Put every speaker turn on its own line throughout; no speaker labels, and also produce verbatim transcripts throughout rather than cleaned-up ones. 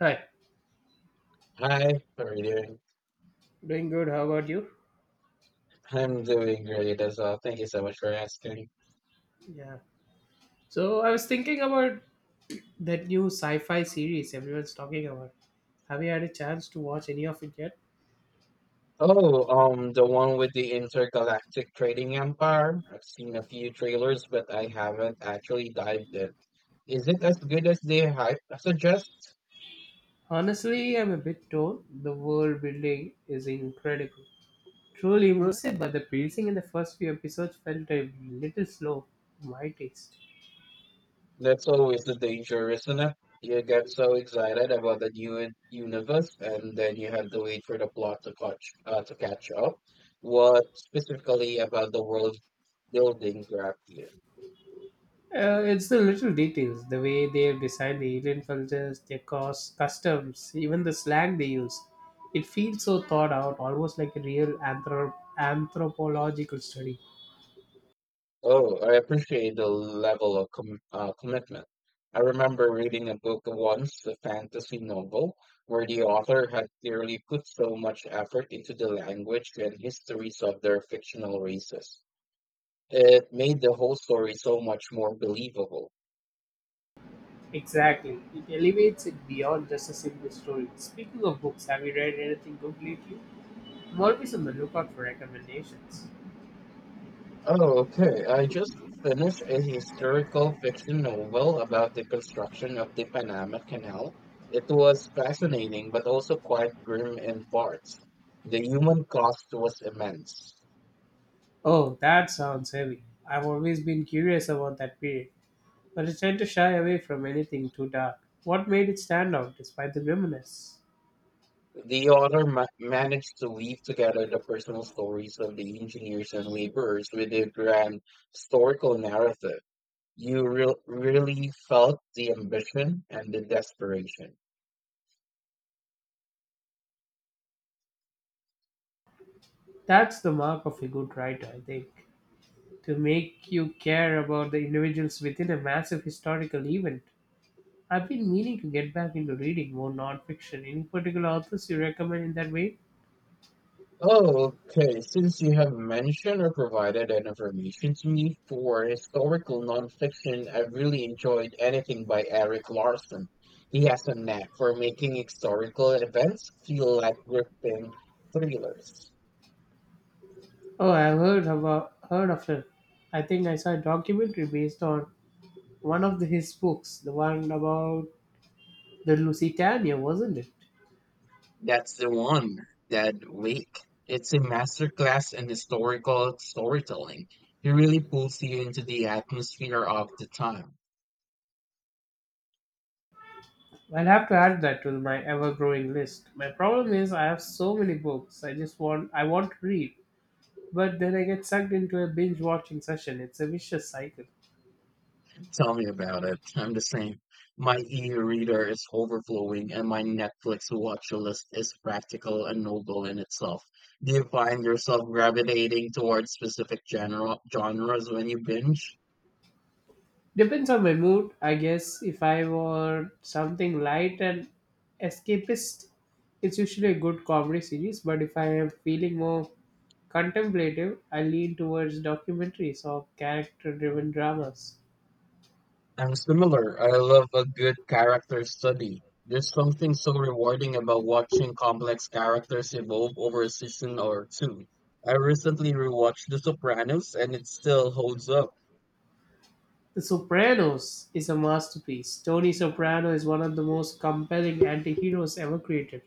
Hi,
Hi, how are you doing?
doing good. How about you?
I'm doing great as well. Thank you so much for asking.
Yeah. So I was thinking about that new sci-fi series everyone's talking about. Have you had a chance to watch any of it yet?
Oh, um, the one with the intergalactic trading empire. I've seen a few trailers, but I haven't actually dived in. Is it as good as the hype suggests?
Honestly, I'm a bit torn. The world building is incredible. Truly immersive, but the pacing in the first few episodes felt a little slow, to my taste.
That's always the danger, isn't it? You get so excited about the new un- universe, and then you have to wait for the plot to catch uh, to catch up. What specifically about the world building grabbed you?
Uh, it's the little details, the way they decide the alien cultures, their costs, customs, even the slang they use. It feels so thought out, almost like a real anthrop- anthropological study.
Oh, I appreciate the level of com uh, commitment. I remember reading a book once, a fantasy novel, where the author had clearly put so much effort into the language and histories of their fictional races. It made the whole story so much more believable.
Exactly. It elevates it beyond just a simple story. Speaking of books, have you read anything good lately? I'm always on the lookout for recommendations.
Oh, okay. I just finished a historical fiction novel about the construction of the Panama Canal. It was fascinating, but also quite grim in parts. The human cost was immense.
Oh, that sounds heavy. I've always been curious about that period, but I tend to shy away from anything too dark. What made it stand out despite the grimness?
The author ma- managed to weave together the personal stories of the engineers and laborers with a grand historical narrative. You re- really felt the ambition and the desperation.
That's the mark of a good writer, I think, to make you care about the individuals within a massive historical event. I've been meaning to get back into reading more nonfiction. Any particular authors you recommend in that way?
Oh, okay. Since you have mentioned or provided an information to me for historical nonfiction, I've really enjoyed anything by Eric Larson. He has a knack for making historical events feel like gripping thrillers.
Oh, I've heard of a, heard of her. I think I saw a documentary based on one of the, his books, the one about the Lusitania, wasn't it?
That's the one, that week. It's a masterclass in historical storytelling. He really pulls you into the atmosphere of the time.
I'll have to add that to my ever-growing list. My problem is I have so many books. I just want I want to read, but then I get sucked into a binge watching session. It's a vicious cycle.
Tell me about it. I'm the same. My e-reader is overflowing and my Netflix watch list is practical and noble in itself. Do you find yourself gravitating towards specific genre genres when you binge?
Depends on my mood, I guess. If I want something light and escapist, it's usually a good comedy series. But if I am feeling more contemplative, I lean towards documentaries or character driven dramas.
I'm similar. I love a good character study. There's something so rewarding about watching complex characters evolve over a season or two. I recently rewatched The Sopranos and it still holds up.
The Sopranos is a masterpiece. Tony Soprano is one of the most compelling anti heroes ever created,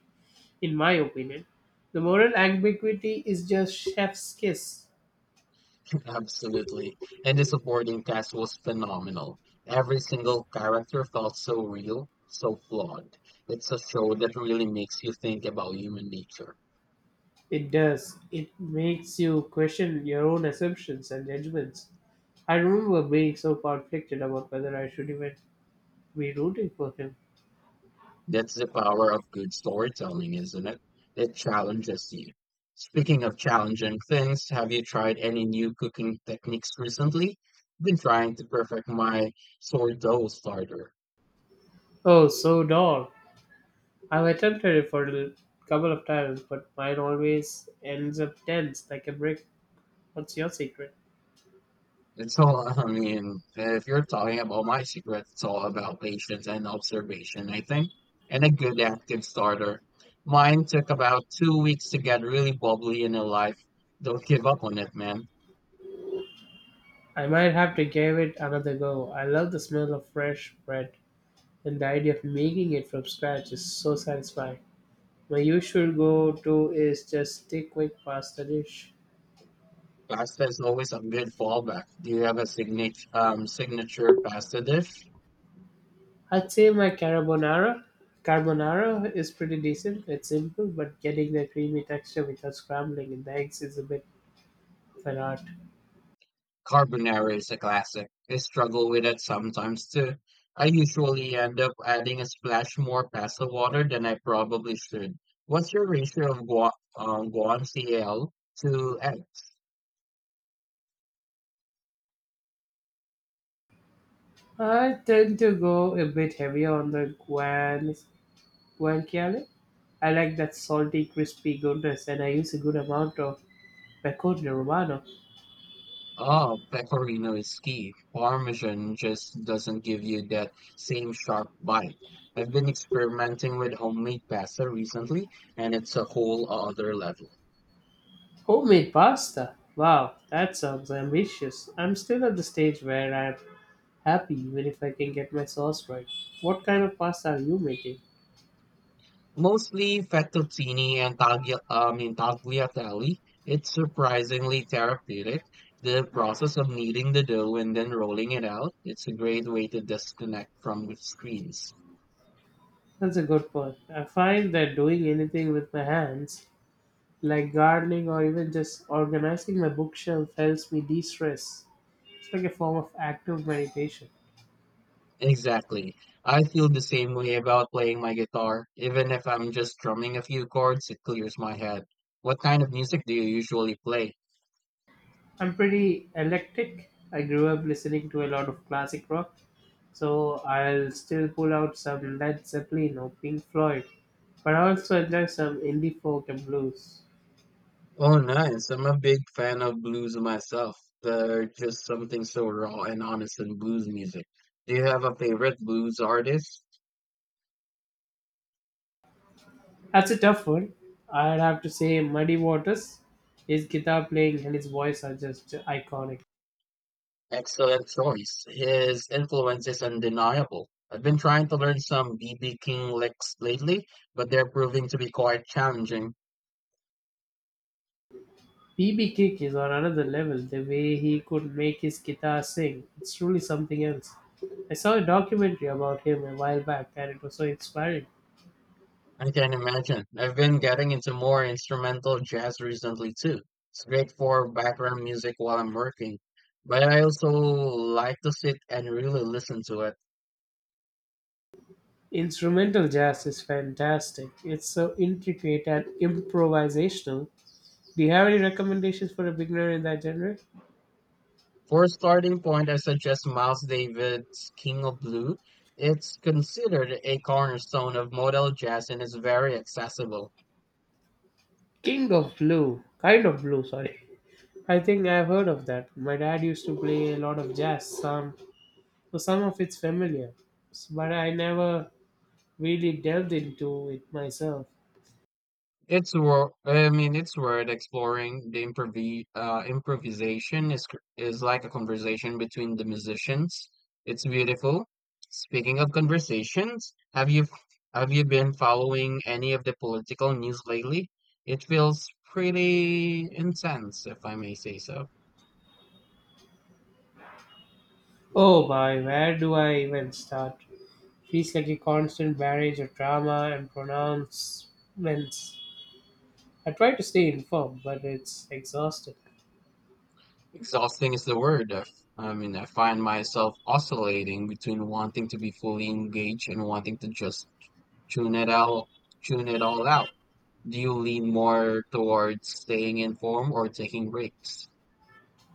in my opinion. The moral ambiguity is just chef's kiss.
Absolutely. And the supporting cast was phenomenal. Every single character felt so real, so flawed. It's a show that really makes you think about human nature.
It does. It makes you question your own assumptions and judgments. I remember being so conflicted about whether I should even be rooting for him.
That's the power of good storytelling, isn't it? It challenges you. Speaking of challenging things, have you tried any new cooking techniques recently? Been trying to perfect my sourdough starter.
Oh, so dull. I've attempted it for a couple of times, but mine always ends up tense like a brick. What's your secret?
It's all, I mean, if you're talking about my secret, it's all about patience and observation, I think, and a good active starter. Mine took about two weeks to get really bubbly in a life. Don't give up on it, man.
I might have to give it another go. I love the smell of fresh bread, and the idea of making it from scratch is so satisfying. My usual go to is just a quick pasta dish.
Pasta is always a good fallback. Do you have a signature um, signature pasta dish?
I'd say my carbonara carbonara is pretty decent. It's simple, but getting the creamy texture without scrambling in the eggs is a bit of an art.
Carbonara is a classic. I struggle with it sometimes too. I usually end up adding a splash more pasta water than I probably should. What's your ratio of guan, um, guanciale to eggs?
I tend to go a bit heavier on the guan guanciale. I like that salty, crispy goodness, and I use a good amount of pecorino romano.
Oh, pecorino is key. Parmesan just doesn't give you that same sharp bite. I've been experimenting with homemade pasta recently, and it's a whole other level.
Homemade pasta. Wow, that sounds ambitious. I'm still at the stage where I'm happy even if I can get my sauce right. What kind of pasta are you making?
Mostly fettuccine and taglia, I mean, tagliatelle. It's surprisingly therapeutic. The process of kneading the dough and then rolling it out, it's a great way to disconnect from the screens.
That's a good point. I find that doing anything with my hands, like gardening or even just organizing my bookshelf, helps me de stress. It's like a form of active meditation.
Exactly. I feel the same way about playing my guitar. Even if I'm just strumming a few chords, it clears my head. What kind of music do you usually play?
I'm pretty eclectic. I grew up listening to a lot of classic rock, so I'll still pull out some Led Zeppelin or Pink Floyd, but I also enjoy some indie folk and blues.
Oh, nice. I'm a big fan of blues myself. There's just something so raw and honest in blues music. Do you have a favorite blues artist?
That's a tough one. I'd have to say Muddy Waters. His guitar playing and his voice are just iconic.
Excellent choice. His influence is undeniable. I've been trying to learn some B B King licks lately, but they're proving to be quite challenging.
B B King is on another level. The way he could make his guitar sing, it's truly something else. I saw a documentary about him a while back and it was so inspiring.
I can imagine. I've been getting into more instrumental jazz recently too. It's great for background music while I'm working. But I also like to sit and really listen to it.
Instrumental jazz is fantastic. It's so intricate and improvisational. Do you have any recommendations for a beginner in that genre?
For a starting point, I suggest Miles Davis' King of Blue. It's considered a cornerstone of modal jazz and is very accessible.
King of Blue. Kind of Blue, sorry. I think I've heard of that. My dad used to play a lot of jazz, some, so some of it's familiar, but I never really delved into it myself.
It's wor- I mean, it's worth exploring. The improv- uh, improvisation is cr- is like a conversation between the musicians. It's beautiful. Speaking of conversations, have you have you been following any of the political news lately? It feels pretty intense, if I may say so.
Oh boy, where do I even start? Feels like a constant barrage of drama and pronouncements. I try to stay informed, but it's exhausting.
Exhausting is the word. I f- I mean, I find myself oscillating between wanting to be fully engaged and wanting to just tune it out, tune it all out. Do you lean more towards staying in form or taking breaks?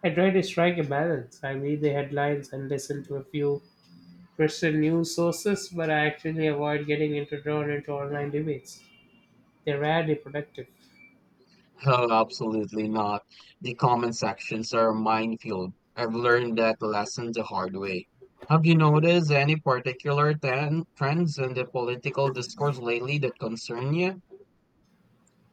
I try to strike a balance. I read the headlines and listen to a few trusted news sources, but I actually avoid getting into drawn into online debates. They're rarely productive.
Oh, absolutely not. The comment sections are a minefield. I've learned that lesson the hard way. Have you noticed any particular ten trends in the political discourse lately that concern you?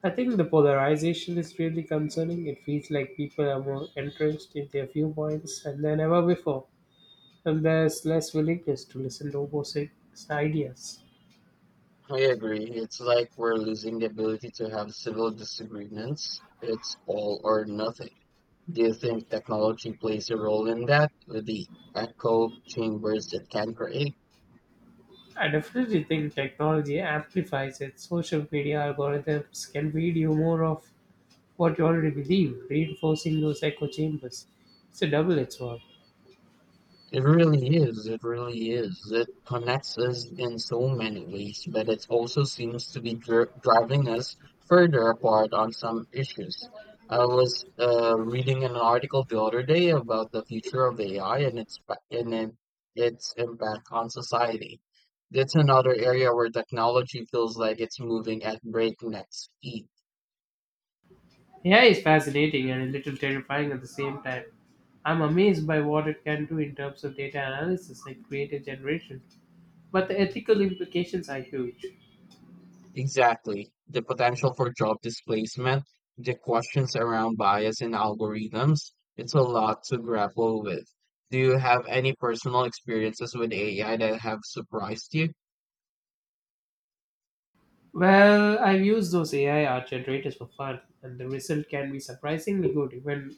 I think the polarization is really concerning. It feels like people are more entrenched in their viewpoints than ever before, and there's less willingness to listen to opposing ideas.
I agree. It's like we're losing the ability to have civil disagreements. It's all or nothing. Do you think technology plays a role in that with the echo chambers it can create?
I definitely think technology amplifies it. Social media algorithms can feed you more of what you already believe, reinforcing those echo chambers. It's a double edged sword.
It really is. It really is. It connects us in so many ways, but it also seems to be dri driving us further apart on some issues. I was uh, reading an article the other day about the future of A I and its pa- and it, its impact on society. That's another area where technology feels like it's moving at breakneck speed.
A I is fascinating and a little terrifying at the same time. I'm amazed by what it can do in terms of data analysis and creative generation, but the ethical implications are huge.
Exactly. The potential for job displacement, the questions around bias in algorithms, it's a lot to grapple with. Do you have any personal experiences with A I that have surprised you?
Well, I've used those A I art generators for fun, and the result can be surprisingly good, even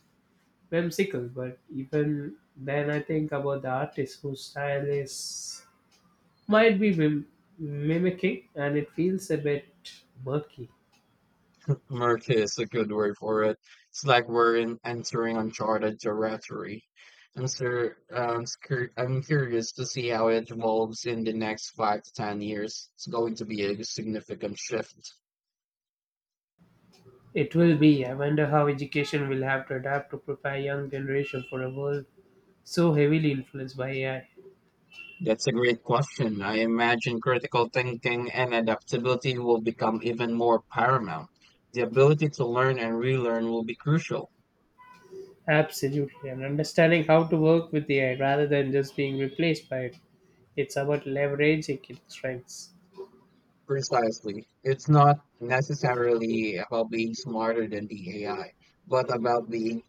whimsical. But even then, I think about the artist whose style is might be mim- mimicking, and it feels a bit murky.
Murky is a good word for it. It's like we're in, entering uncharted territory. I'm sure, um, scur- I'm curious to see how it evolves in the next five to ten years. It's going to be a significant shift.
It will be. I wonder how education will have to adapt to prepare young generation for a world so heavily influenced by A I.
That's a great question. I imagine critical thinking and adaptability will become even more paramount. The ability to learn and relearn will be crucial.
Absolutely, and understanding how to work with A I rather than just being replaced by it. It's about leveraging its strengths.
Precisely. It's not necessarily about being smarter than the A I, but about being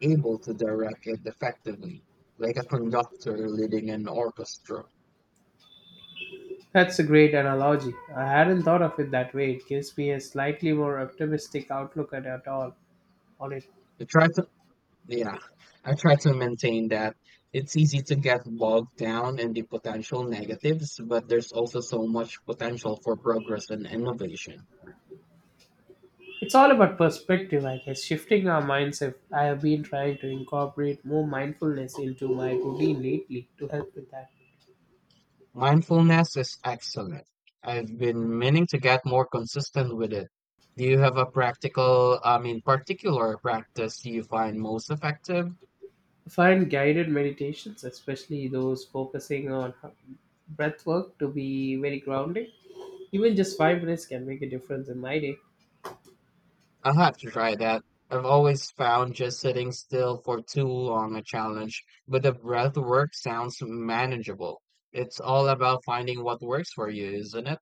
able to direct it effectively, like a conductor leading an orchestra.
That's a great analogy. I hadn't thought of it that way. It gives me a slightly more optimistic outlook at, at all on it.
The, tri- Yeah, I try to maintain that. It's easy to get bogged down in the potential negatives, but there's also so much potential for progress and innovation.
It's all about perspective, I guess. Shifting our mindset. I have been trying to incorporate more mindfulness into my routine lately to help with that.
Mindfulness is excellent. I've been meaning to get more consistent with it. Do you have a practical, I mean, particular practice you find most effective?
I find guided meditations, especially those focusing on breath work, to be very grounding. Even just five minutes can make a difference in my day.
I'll have to try that. I've always found just sitting still for too long a challenge, but the breath work sounds manageable. It's all about finding what works for you, isn't it?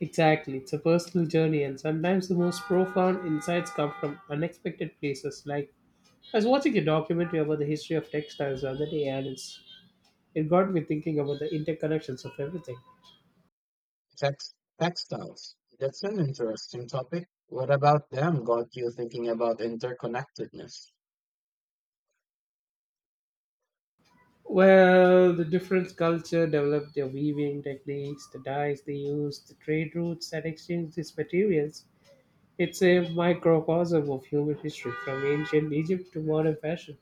Exactly, it's a personal journey, and sometimes the most profound insights come from unexpected places. Like I was watching a documentary about the history of textiles the other day, and it's it got me thinking about the interconnections of everything.
Text- Textiles. That's an interesting topic. What about them got you thinking about interconnectedness?
Well, the different culture developed their weaving techniques, the dyes they used, the trade routes that exchanged these materials. It's a microcosm of human history, from ancient Egypt to modern fashion.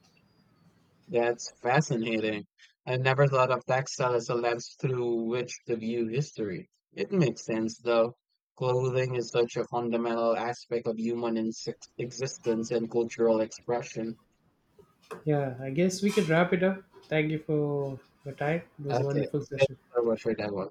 That's fascinating. I never thought of textile as a lens through which to view history. It makes sense, though. Clothing is such a fundamental aspect of human insex- existence and cultural expression.
Yeah, I guess we can wrap it up. Thank you for your time. It was a
Okay,
wonderful
thank
session.
you so much for that one.